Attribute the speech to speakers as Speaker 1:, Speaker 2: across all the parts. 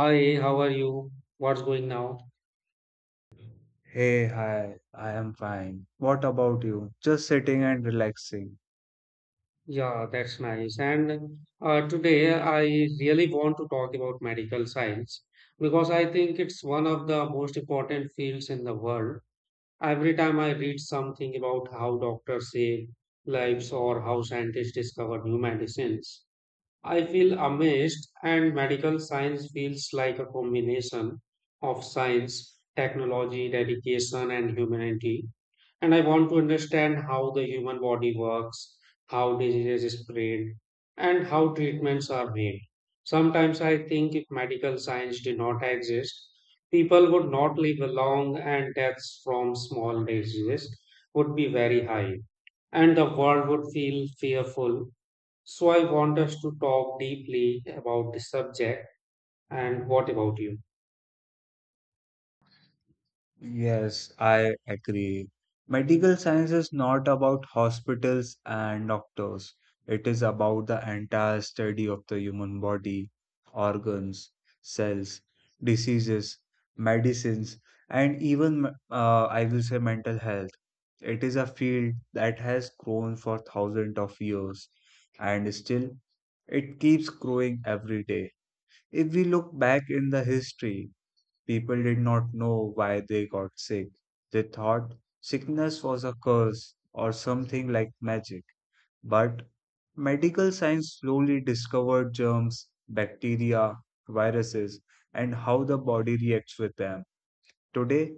Speaker 1: Hi, how are you? What's going now?
Speaker 2: Hey, hi, I am fine. What about you? Just sitting and relaxing.
Speaker 1: Yeah, that's nice. And today I really want to talk about medical science because I think it's one of the most important fields in the world. Every time I read something about how doctors save lives or how scientists discover new medicines, I feel amazed, and medical science feels like a combination of science, technology, dedication, and humanity. And I want to understand how the human body works, how diseases spread, and how treatments are made. Sometimes I think if medical science did not exist, people would not live long, and deaths from small diseases would be very high and the world would feel fearful, so I want us to talk deeply about the subject. And what about you?
Speaker 2: Yes, I agree. Medical science is not about hospitals and doctors. It is about the entire study of the human body, organs, cells, diseases, medicines, and even, I will say, mental health. It is a field that has grown for thousands of years, and still it keeps growing every day. If we look back in the history, people did not know why they got sick. They thought sickness was a curse or something like magic. But medical science slowly discovered germs, bacteria, viruses, and how the body reacts with them. Today,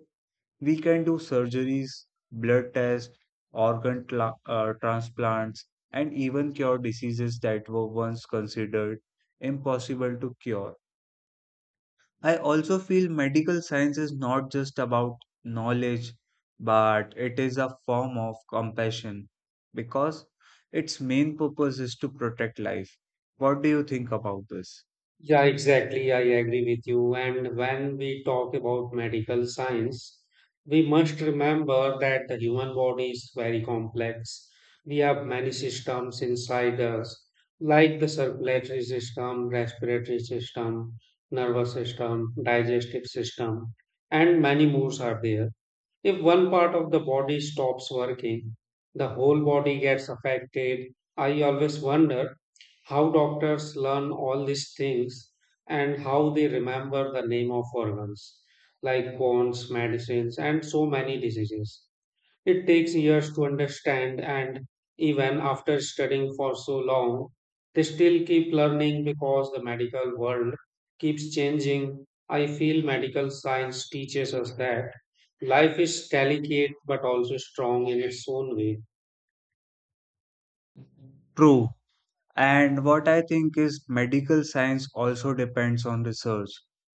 Speaker 2: we can do surgeries, blood tests, organ transplants, and even cure diseases that were once considered impossible to cure. I also feel medical science is not just about knowledge, but it is a form of compassion because its main purpose is to protect life. What do you think about this?
Speaker 1: Yeah, exactly. I agree with you. And when we talk about medical science, we must remember that the human body is very complex. We have many systems inside us, like the circulatory system, respiratory system, nervous system, digestive system, and many more are there. If one part of the body stops working, the whole body gets affected. I always wonder how doctors learn all these things and how they remember the name of organs like bones, medicines, and so many diseases. It takes years to understand, and even after studying for so long, they still keep learning because the medical world keeps changing. I feel medical science teaches us that life is delicate but also strong in its own way.
Speaker 2: True. And what I think is medical science also depends on research.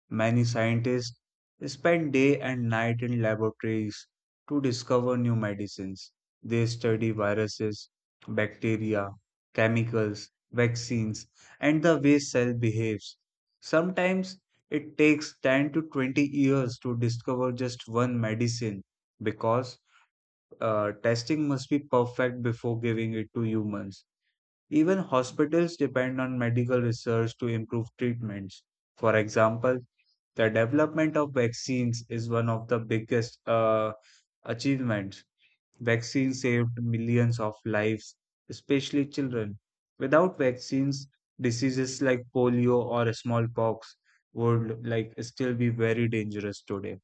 Speaker 2: Many scientists spend day and night in laboratories to discover new medicines. They study viruses, bacteria, chemicals, vaccines, and the way cell behaves. Sometimes it takes 10 to 20 years to discover just one medicine because testing must be perfect before giving it to humans. Even hospitals depend on medical research to improve treatments. For example, the development of vaccines is one of the biggest achievements. Vaccines saved millions of lives, especially children. Without vaccines, diseases like polio or smallpox would like still be very dangerous today.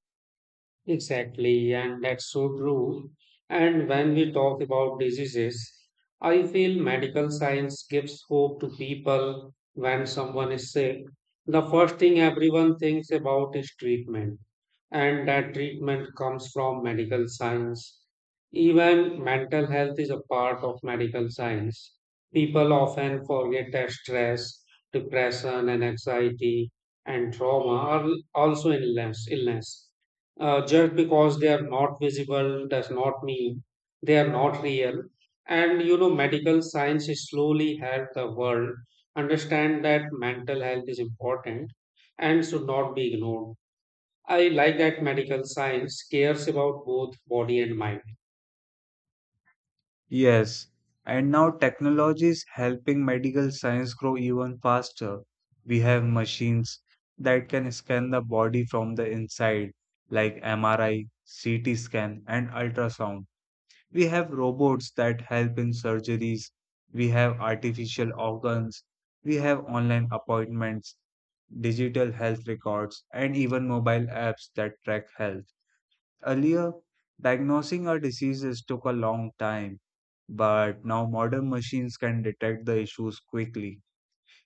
Speaker 1: Exactly, and that's so true. And when we talk about diseases, I feel medical science gives hope to people when someone is sick. The first thing everyone thinks about is treatment, and that treatment comes from medical science. Even mental health is a part of medical science. People often forget that stress, depression, and anxiety and trauma are also illness, just because they are not visible does not mean they are not real. And medical science is slowly help the world understand that mental health is important and should not be ignored. I like that medical science cares about both body and mind.
Speaker 2: Yes, and now technology is helping medical science grow even faster. We have machines that can scan the body from the inside, like MRI, CT scan, and ultrasound. We have robots that help in surgeries. We have artificial organs. We have online appointments, digital health records, and even mobile apps that track health. Earlier, diagnosing our diseases took a long time, but now modern machines can detect the issues quickly.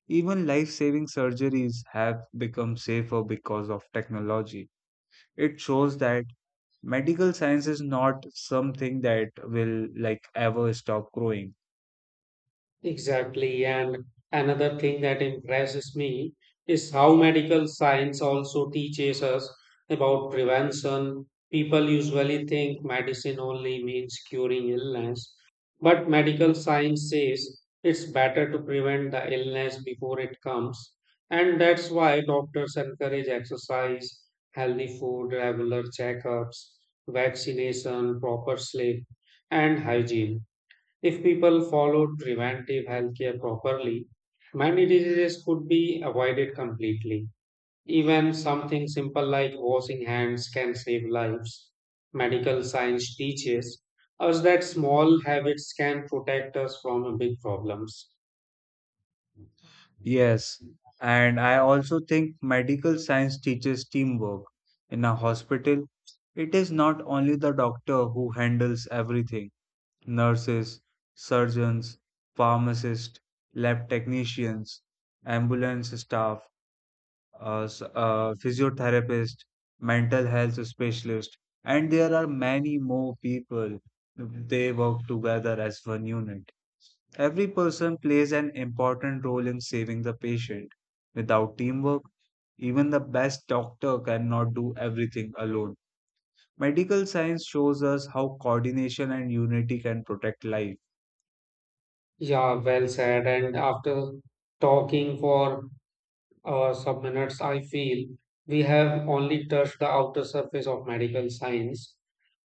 Speaker 2: Even life-saving surgeries have become safer because of technology. It shows that medical science is not something that will like ever stop growing.
Speaker 1: Exactly. And another thing that impresses me is how medical science also teaches us about prevention. People usually think medicine only means curing illness, but medical science says it's better to prevent the illness before it comes. And that's why doctors encourage exercise, healthy food, regular checkups, vaccination, proper sleep, and hygiene. If people followed preventive healthcare properly, many diseases could be avoided completely. Even something simple like washing hands can save lives. Medical science teaches us that small habits can protect us from big problems.
Speaker 2: Yes, and I also think medical science teaches teamwork. In a hospital, it is not only the doctor who handles everything: nurses, surgeons, pharmacists, lab technicians, ambulance staff, physiotherapist, mental health specialist, and there are many more people. They work together as one unit. Every person plays an important role in saving the patient. Without teamwork, even the best doctor cannot do everything alone. Medical science shows us how coordination and unity can protect life.
Speaker 1: Yeah, well said. And after talking for or subminutes, I feel we have only touched the outer surface of medical science.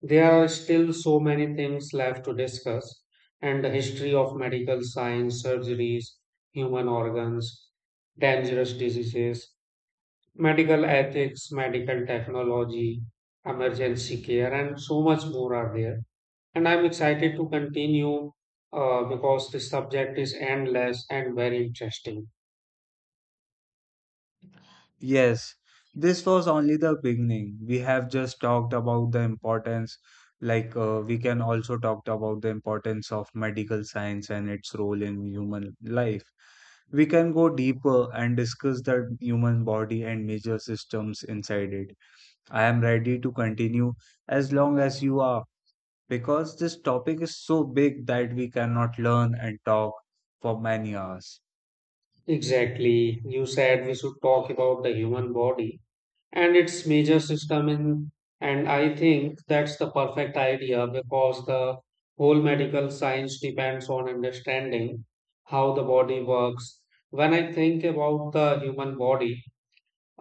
Speaker 1: There are still so many things left to discuss, and the history of medical science, surgeries, human organs, dangerous diseases, medical ethics, medical technology, emergency care, and so much more are there. And I'm excited to continue because this subject is endless and very interesting.
Speaker 2: Yes, this was only the beginning. We have just talked about the importance, we can also talk about the importance of medical science and its role in human life. We can go deeper and discuss the human body and major systems inside it. I am ready to continue as long as you are, because this topic is so big that we cannot learn and talk for many hours.
Speaker 1: Exactly. You said we should talk about the human body and its major system in, and I think that's the perfect idea because the whole medical science depends on understanding how the body works. When I think about the human body,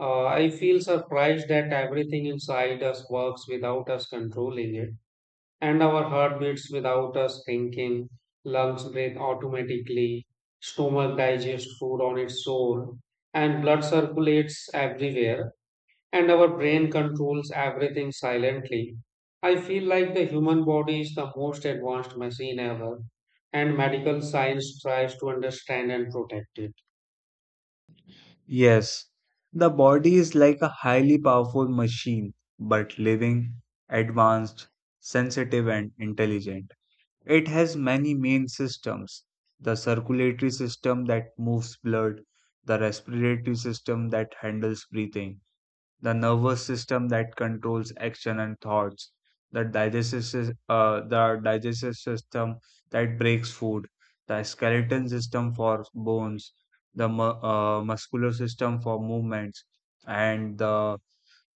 Speaker 1: I feel surprised that everything inside us works without us controlling it, and our heart beats without us thinking, lungs breathe automatically, stomach digests food on its own, and blood circulates everywhere, and our brain controls everything silently. I feel like the human body is the most advanced machine ever, and medical science tries to understand and protect it.
Speaker 2: Yes, the body is like a highly powerful machine, but living, advanced, sensitive, and intelligent. It has many main systems: the circulatory system that moves blood, the respiratory system that handles breathing, the nervous system that controls action and thoughts, the digestive system that breaks food, the skeleton system for bones, the muscular system for movements, and the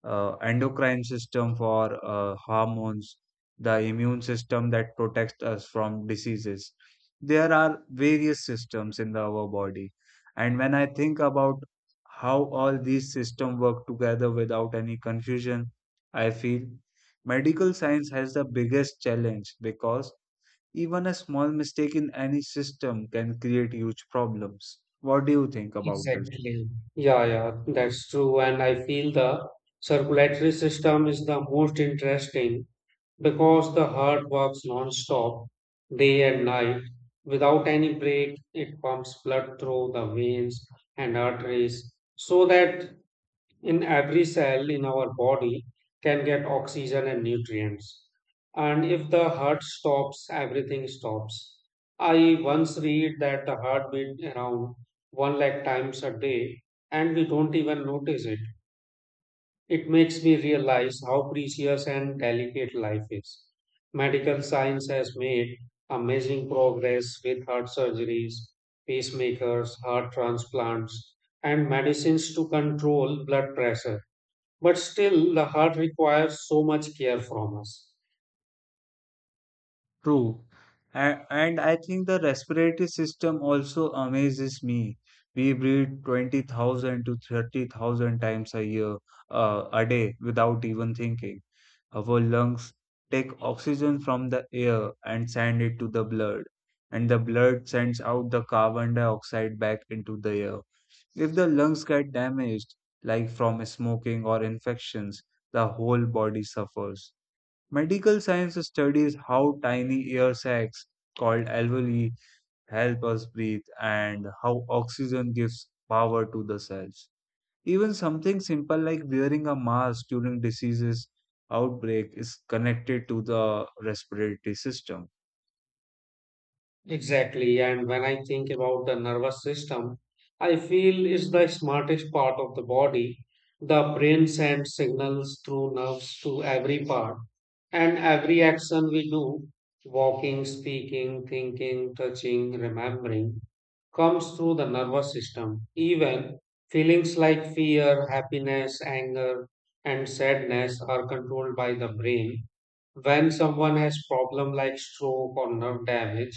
Speaker 2: endocrine system for hormones, the immune system that protects us from diseases. There are various systems in our body. And when I think about how all these systems work together without any confusion, I feel medical science has the biggest challenge because even a small mistake in any system can create huge problems. What do you think about this?
Speaker 1: Exactly. Yeah, yeah, that's true. And I feel the circulatory system is the most interesting because the heart works non-stop, day and night. Without any break, it pumps blood through the veins and arteries so that in every cell in our body can get oxygen and nutrients. And if the heart stops, everything stops. I once read that the heart beat around one lakh times a day and we don't even notice it. Makes me realize how precious and delicate life is. Medical science has made amazing progress with heart surgeries, pacemakers, heart transplants, and medicines to control blood pressure. But still, the heart requires so much care from us.
Speaker 2: True. And I think the respiratory system also amazes me. We breathe 20,000 to 30,000 times a day without even thinking. Our lungs take oxygen from the air and send it to the blood, and the blood sends out the carbon dioxide back into the air. If the lungs get damaged, like from smoking or infections, the whole body suffers. Medical science studies how tiny air sacs called alveoli help us breathe and how oxygen gives power to the cells. Even something simple like wearing a mask during diseases outbreak is connected to the respiratory system.
Speaker 1: Exactly. And when I think about the nervous system, I feel it's the smartest part of the body. The brain sends signals through nerves to every part. And every action we do, walking, speaking, thinking, touching, remembering, comes through the nervous system. Even feelings like fear, happiness, anger, and sadness are controlled by the brain when someone has problem like stroke or nerve damage,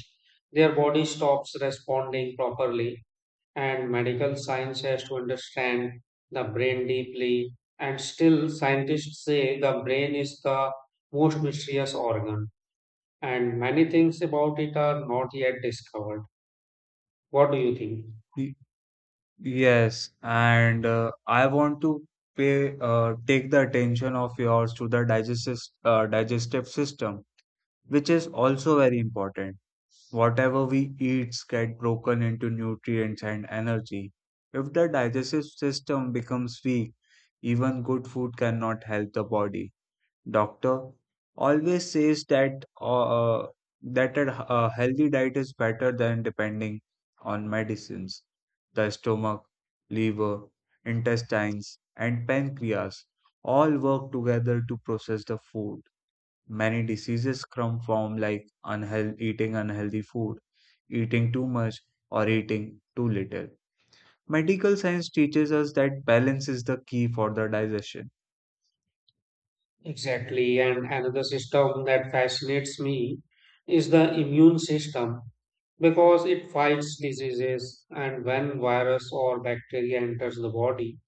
Speaker 1: their body stops responding properly, and medical science has to understand the brain deeply. And still scientists say the brain is the most mysterious organ and many things about it are not yet discovered. What do you think?
Speaker 2: Y- Yes, and I want to pay take the attention of yours to the digestive system, which is also very important. Whatever we eat gets broken into nutrients and energy. If the digestive system becomes weak, even good food cannot help the body. Doctor always says that a healthy diet is better than depending on medicines. The stomach, liver, intestines, and pancreas all work together to process the food. Many diseases come from like eating unhealthy food, eating too much, or eating too little. Medical science teaches us that balance is the key for the digestion.
Speaker 1: Exactly. And another system that fascinates me is the immune system because it fights diseases. And when virus or bacteria enters the body,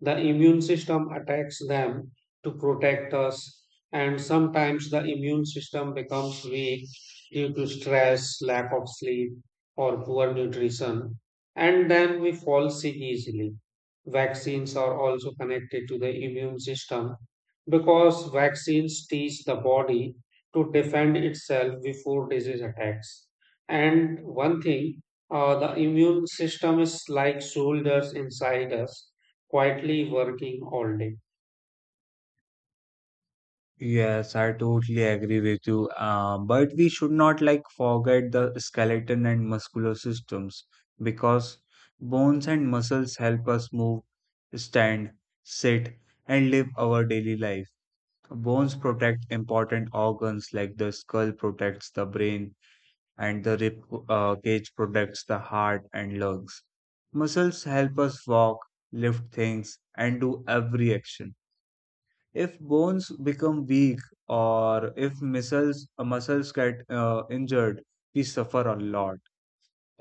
Speaker 1: the immune system attacks them to protect us, and sometimes the immune system becomes weak due to stress, lack of sleep, or poor nutrition, and then we fall sick easily. Vaccines are also connected to the immune system because vaccines teach the body to defend itself before disease attacks. And one thing, the immune system is like soldiers inside us quietly working all day.
Speaker 2: Yes, I totally agree with you. But we should not like forget the skeleton and muscular systems because bones and muscles help us move, stand, sit, and live our daily life. Bones protect important organs like the skull protects the brain, and the rib cage protects the heart and lungs. Muscles help us walk, lift things, and do every action. If bones become weak or if muscles get injured, we suffer a lot.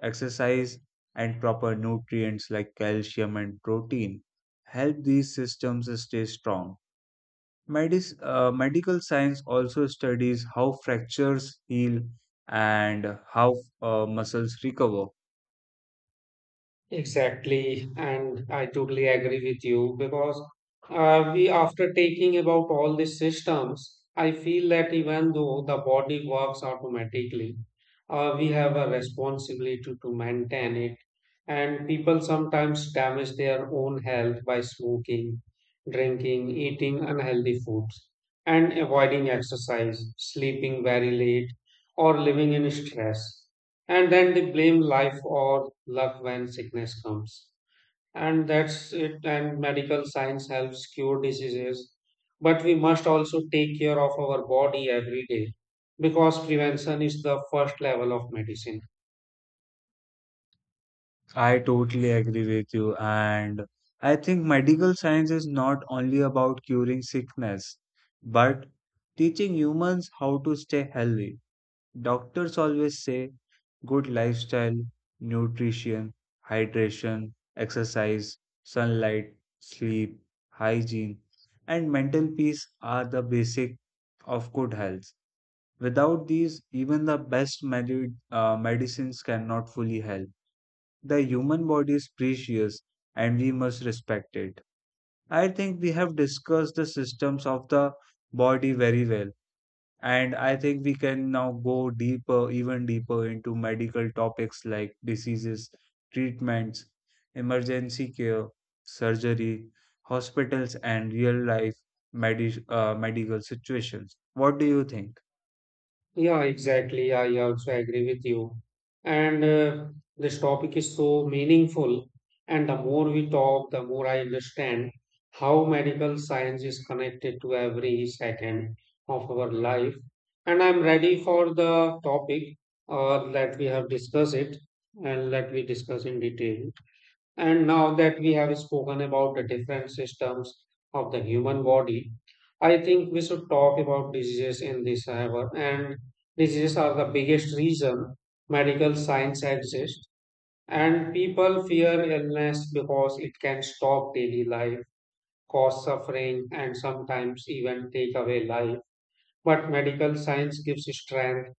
Speaker 2: Exercise and proper nutrients like calcium and protein help these systems stay strong. Medis Medical science also studies how fractures heal and how muscles recover.
Speaker 1: Exactly, and I totally agree with you because we, after taking about all these systems, I feel that even though the body works automatically, we have a responsibility to maintain it. And people sometimes damage their own health by smoking, drinking, eating unhealthy foods, and avoiding exercise, sleeping very late, or living in stress. And then they blame life or luck when sickness comes, and that's it. And medical science helps cure diseases, but we must also take care of our body every day because prevention is the first level of medicine.
Speaker 2: I totally agree with you. And I think medical science is not only about curing sickness, but teaching humans how to stay healthy. Doctors always say good lifestyle, nutrition, hydration, exercise, sunlight, sleep, hygiene, and mental peace are the basic of good health. Without these, even the best medicines cannot fully help. The human body is precious and we must respect it. I think we have discussed the systems of the body very well. And I think we can now go deeper, even deeper into medical topics like diseases, treatments, emergency care, surgery, hospitals, and real life medical situations. What do you think?
Speaker 1: Yeah, exactly. I also agree with you. And this topic is so meaningful. And the more we talk, the more I understand how medical science is connected to every second of our life. And I'm ready for the topic that we have discussed it, and let we discuss in detail. And now that we have spoken about the different systems of the human body, I think we should talk about diseases in this hour. And diseases are the biggest reason medical science exists. And people fear illness because it can stop daily life, cause suffering, and sometimes even take away life. But medical science gives strength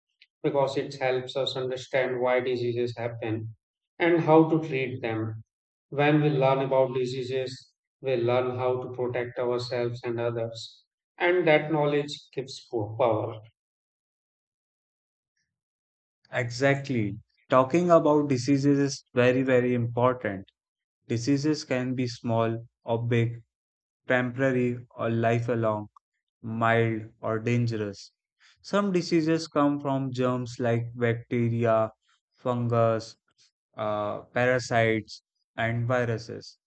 Speaker 1: because it helps us understand why diseases happen and how to treat them. When we learn about diseases, we learn how to protect ourselves and others. And that knowledge gives power.
Speaker 2: Exactly. Talking about diseases is very, very important. Diseases can be small or big, temporary or lifelong, mild or dangerous. Some diseases come from germs like bacteria, fungus, parasites, and viruses.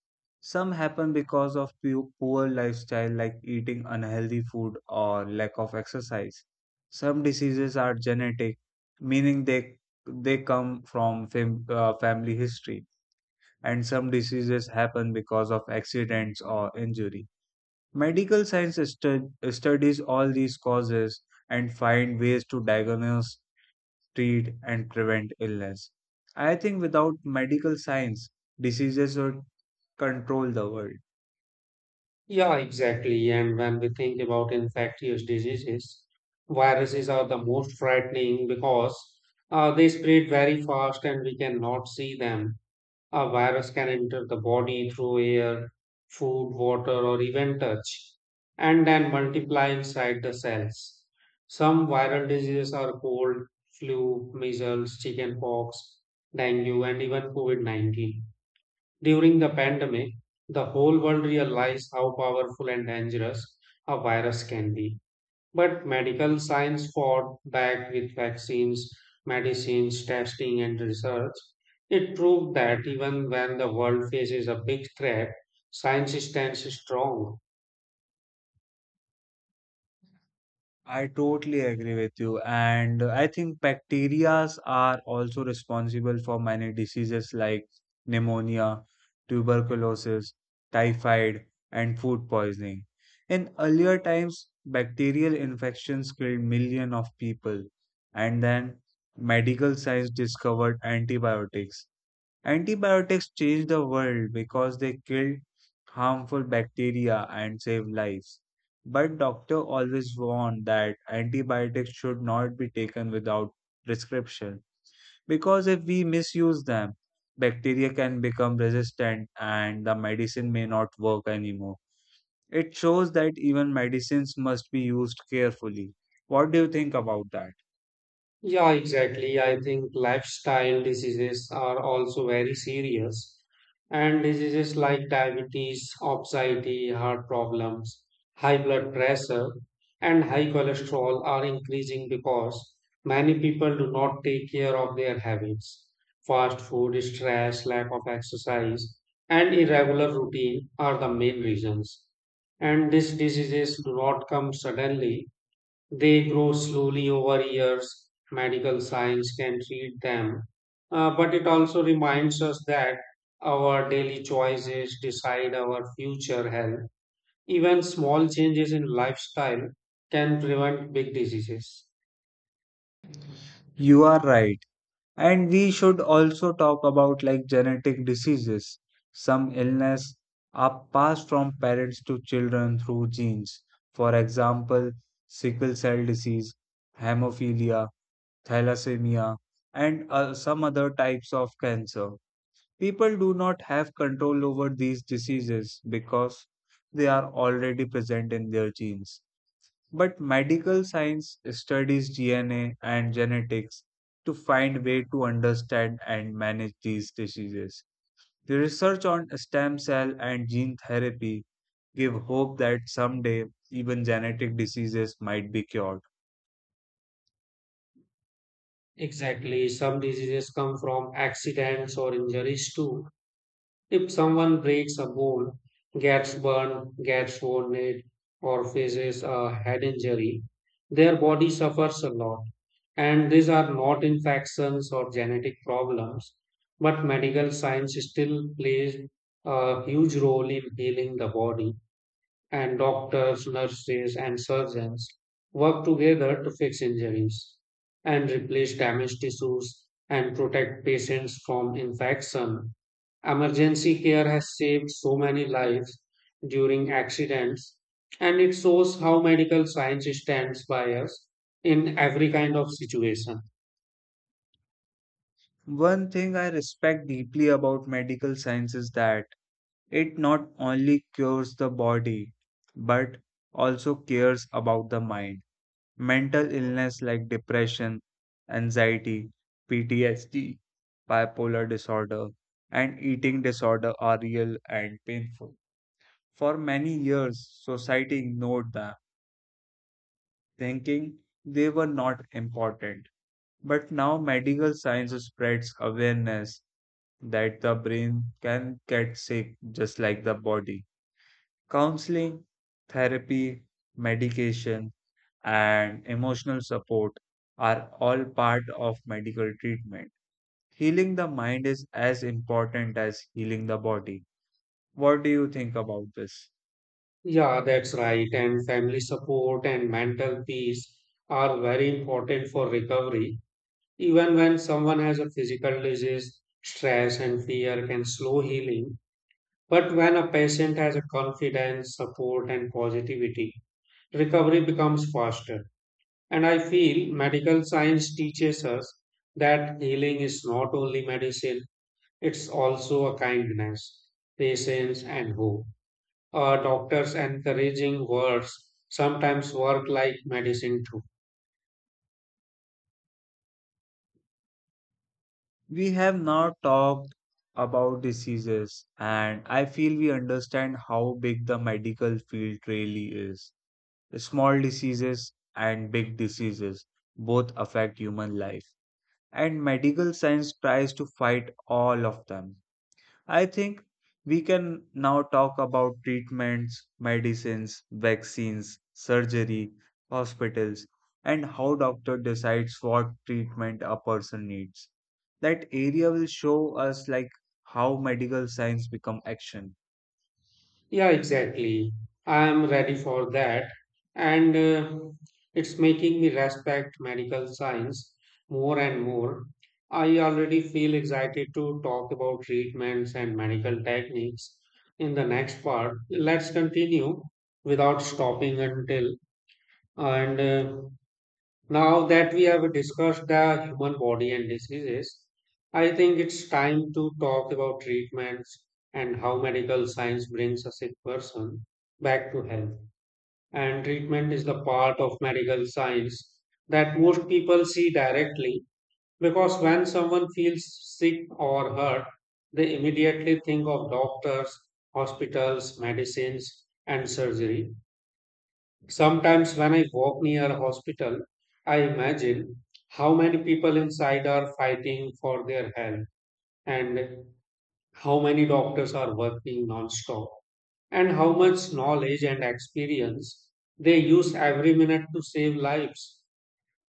Speaker 2: Some happen because of poor lifestyle, like eating unhealthy food or lack of exercise. Some diseases are genetic, meaning they come from family history, and some diseases happen because of accidents or injury. Medical science studies all these causes and find ways to diagnose, treat, and prevent illness. I think without medical science, diseases would control the world.
Speaker 1: Yeah, exactly. And when we think about infectious diseases, viruses are the most frightening because they spread very fast and we cannot see them. A virus can enter the body through air, food, water, or even touch, and then multiply inside the cells. Some viral diseases are cold, flu, measles, chickenpox, dengue, and even COVID-19. During the pandemic, the whole world realized how powerful and dangerous a virus can be. But medical science fought back with vaccines, medicines, testing, and research. It proved that even when the world faces a big threat, science stands strong.
Speaker 2: I totally agree with you. And I think bacteria are also responsible for many diseases like pneumonia, tuberculosis, typhoid, and food poisoning. In earlier times, bacterial infections killed millions of people, and then medical science discovered antibiotics. Antibiotics changed the world because they killed harmful bacteria and saved lives. But doctor always warned that antibiotics should not be taken without prescription because if we misuse them, bacteria can become resistant and the medicine may not work anymore. It shows that even medicines must be used carefully. What do you think about that?
Speaker 1: Yeah, exactly. I think lifestyle diseases are also very serious. And diseases like diabetes, obesity, heart problems, high blood pressure, and high cholesterol are increasing because many people do not take care of their habits. Fast food, stress, lack of exercise, and irregular routine are the main reasons. And these diseases do not come suddenly, they grow slowly over years. Medical science can treat them. But it also reminds us that our daily choices decide our future health. Even small changes in lifestyle can prevent big diseases.
Speaker 2: You are right. And we should also talk about like genetic diseases. Some illness are passed from parents to children through genes. For example, sickle cell disease, hemophilia, thalassemia, and some other types of cancer. People do not have control over these diseases because they are already present in their genes. But medical science studies DNA and genetics to find way to understand and manage these diseases. The research on stem cell and gene therapy give hope that someday even genetic diseases might be cured.
Speaker 1: Exactly. Some diseases come from accidents or injuries too. If someone breaks a bone, gets burned, gets wounded, or faces a head injury, their body suffers a lot. And these are not infections or genetic problems, but medical science still plays a huge role in healing the body. And doctors, nurses, and surgeons work together to fix injuries and replace damaged tissues and protect patients from infection. Emergency care has saved so many lives during accidents, and it shows how medical science stands by us in every kind of situation.
Speaker 2: One thing I respect deeply about medical science is that it not only cures the body but also cares about the mind. Mental illness like depression, anxiety, PTSD, bipolar disorder, and eating disorder are real and painful. For many years, society ignored them, thinking they were not important. But now medical science spreads awareness that the brain can get sick just like the body. Counseling, therapy, medication, and emotional support are all part of medical treatment. Healing the mind is as important as healing the body. What do you think about this?
Speaker 1: Yeah, that's right. And family support and mental peace are very important for recovery. Even when someone has a physical disease, stress and fear can slow healing. But when a patient has a confidence, support, and positivity, recovery becomes faster. And I feel medical science teaches us that healing is not only medicine, it's also a kindness, patience, and hope. A doctor's encouraging words sometimes work like medicine too.
Speaker 2: We have now talked about diseases, and I feel we understand how big the medical field really is. Small diseases and big diseases both affect human life, and medical science tries to fight all of them. I think we can now talk about treatments, medicines, vaccines, surgery, hospitals, and how doctor decides what treatment a person needs. That area will show us like how medical science become action.
Speaker 1: Yeah, exactly. I am ready for that. And it's making me respect medical science more and more. I already feel excited to talk about treatments and medical techniques in the next part. Let's continue without stopping until, and now that we have discussed the human body and diseases, I think it's time to talk about treatments and how medical science brings a sick person back to health. And treatment is the part of medical science that most people see directly because when someone feels sick or hurt, they immediately think of doctors, hospitals, medicines, and surgery. Sometimes when I walk near a hospital, I imagine how many people inside are fighting for their health and how many doctors are working non-stop and how much knowledge and experience they use every minute to save lives.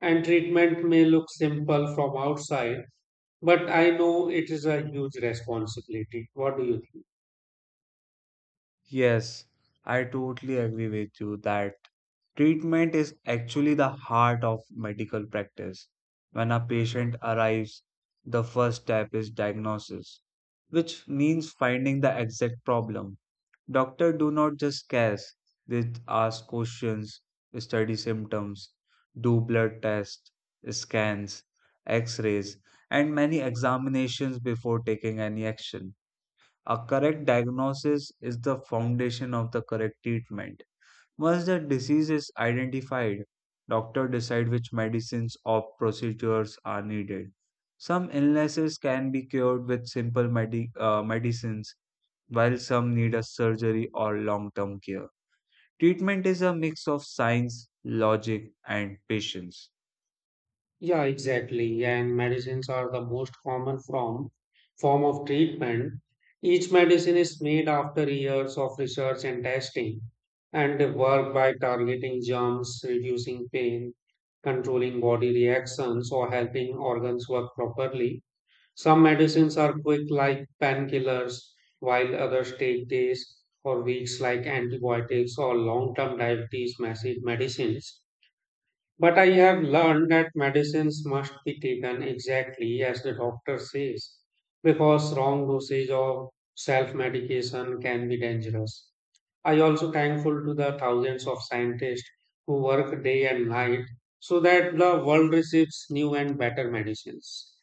Speaker 1: And treatment may look simple from outside, but I know it is a huge responsibility. What do you think?
Speaker 2: Yes, I totally agree with you that treatment is actually the heart of medical practice. When a patient arrives, the first step is diagnosis, which means finding the exact problem. Doctors do not just guess, they ask questions, study symptoms, do blood tests, scans, x rays, and many examinations before taking any action. A correct diagnosis is the foundation of the correct treatment. Once the disease is identified, doctors decide which medicines or procedures are needed. Some illnesses can be cured with simple medicines, while some need a surgery or long-term care. Treatment is a mix of science, logic, and patience.
Speaker 1: Yeah, exactly. And medicines are the most common form of treatment. Each medicine is made after years of research and testing, and they work by targeting germs, reducing pain, controlling body reactions, or helping organs work properly. Some medicines are quick, like painkillers, while others take days or weeks, like antibiotics or long-term diabetes massive medicines. But I have learned that medicines must be taken exactly as the doctor says, because wrong dosage of self medication can be dangerous. I also thankful to the thousands of scientists who work day and night so that the world receives new and better medicines.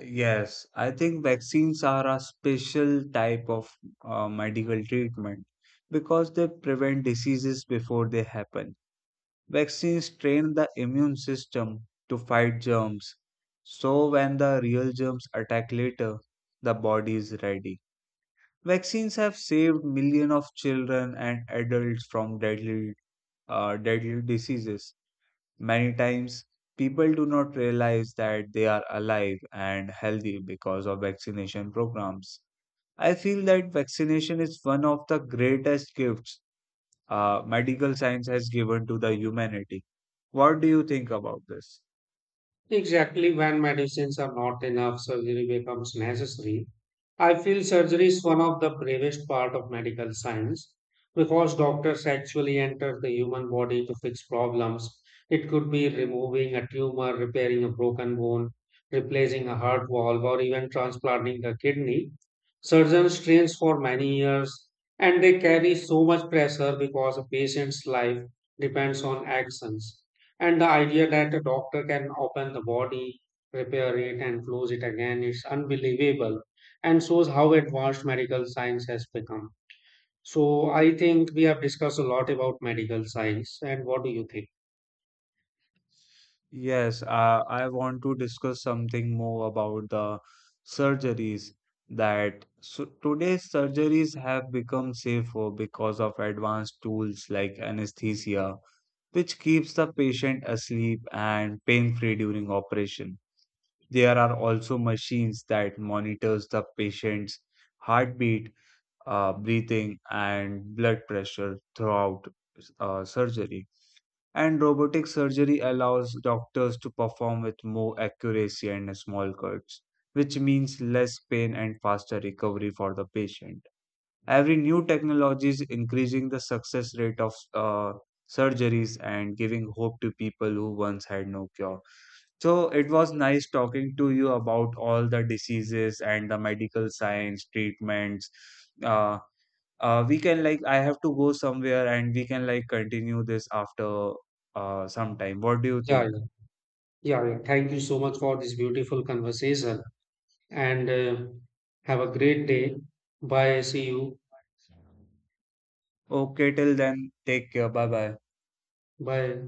Speaker 2: Yes, I think vaccines are a special type of medical treatment because they prevent diseases before they happen. Vaccines train the immune system to fight germs, so when the real germs attack later, the body is ready. Vaccines have saved millions of children and adults from deadly diseases. Many times, people do not realize that they are alive and healthy because of vaccination programs. I feel that vaccination is one of the greatest gifts medical science has given to the humanity. What do you think about this?
Speaker 1: Exactly, when medicines are not enough, surgery becomes necessary. I feel surgery is one of the bravest part of medical science because doctors actually enter the human body to fix problems. It could be removing a tumor, repairing a broken bone, replacing a heart valve, or even transplanting a kidney. Surgeons train for many years and they carry so much pressure because a patient's life depends on actions. And the idea that a doctor can open the body, repair it, and close it again is unbelievable and shows how advanced medical science has become. So I think we have discussed a lot about medical science. And what do you think?
Speaker 2: Yes, I want to discuss something more about the surgeries, that so today's surgeries have become safer because of advanced tools like anesthesia which keeps the patient asleep and pain-free during operation. There are also machines that monitors the patient's heartbeat, breathing, and blood pressure throughout surgery. And robotic surgery allows doctors to perform with more accuracy and small cuts, which means less pain and faster recovery for the patient. Every new technology is increasing the success rate of surgeries and giving hope to people who once had no cure. So it was nice talking to you about all the diseases and the medical science treatments. Uh, we can like I have to go somewhere and we can like continue this after some time. What do you
Speaker 1: Yeah,
Speaker 2: think?
Speaker 1: yeah, yeah. Yeah. Thank you so much for this beautiful conversation. And have a great day. Bye. See you.
Speaker 2: Okay, till then, take care. Bye bye.
Speaker 1: Bye.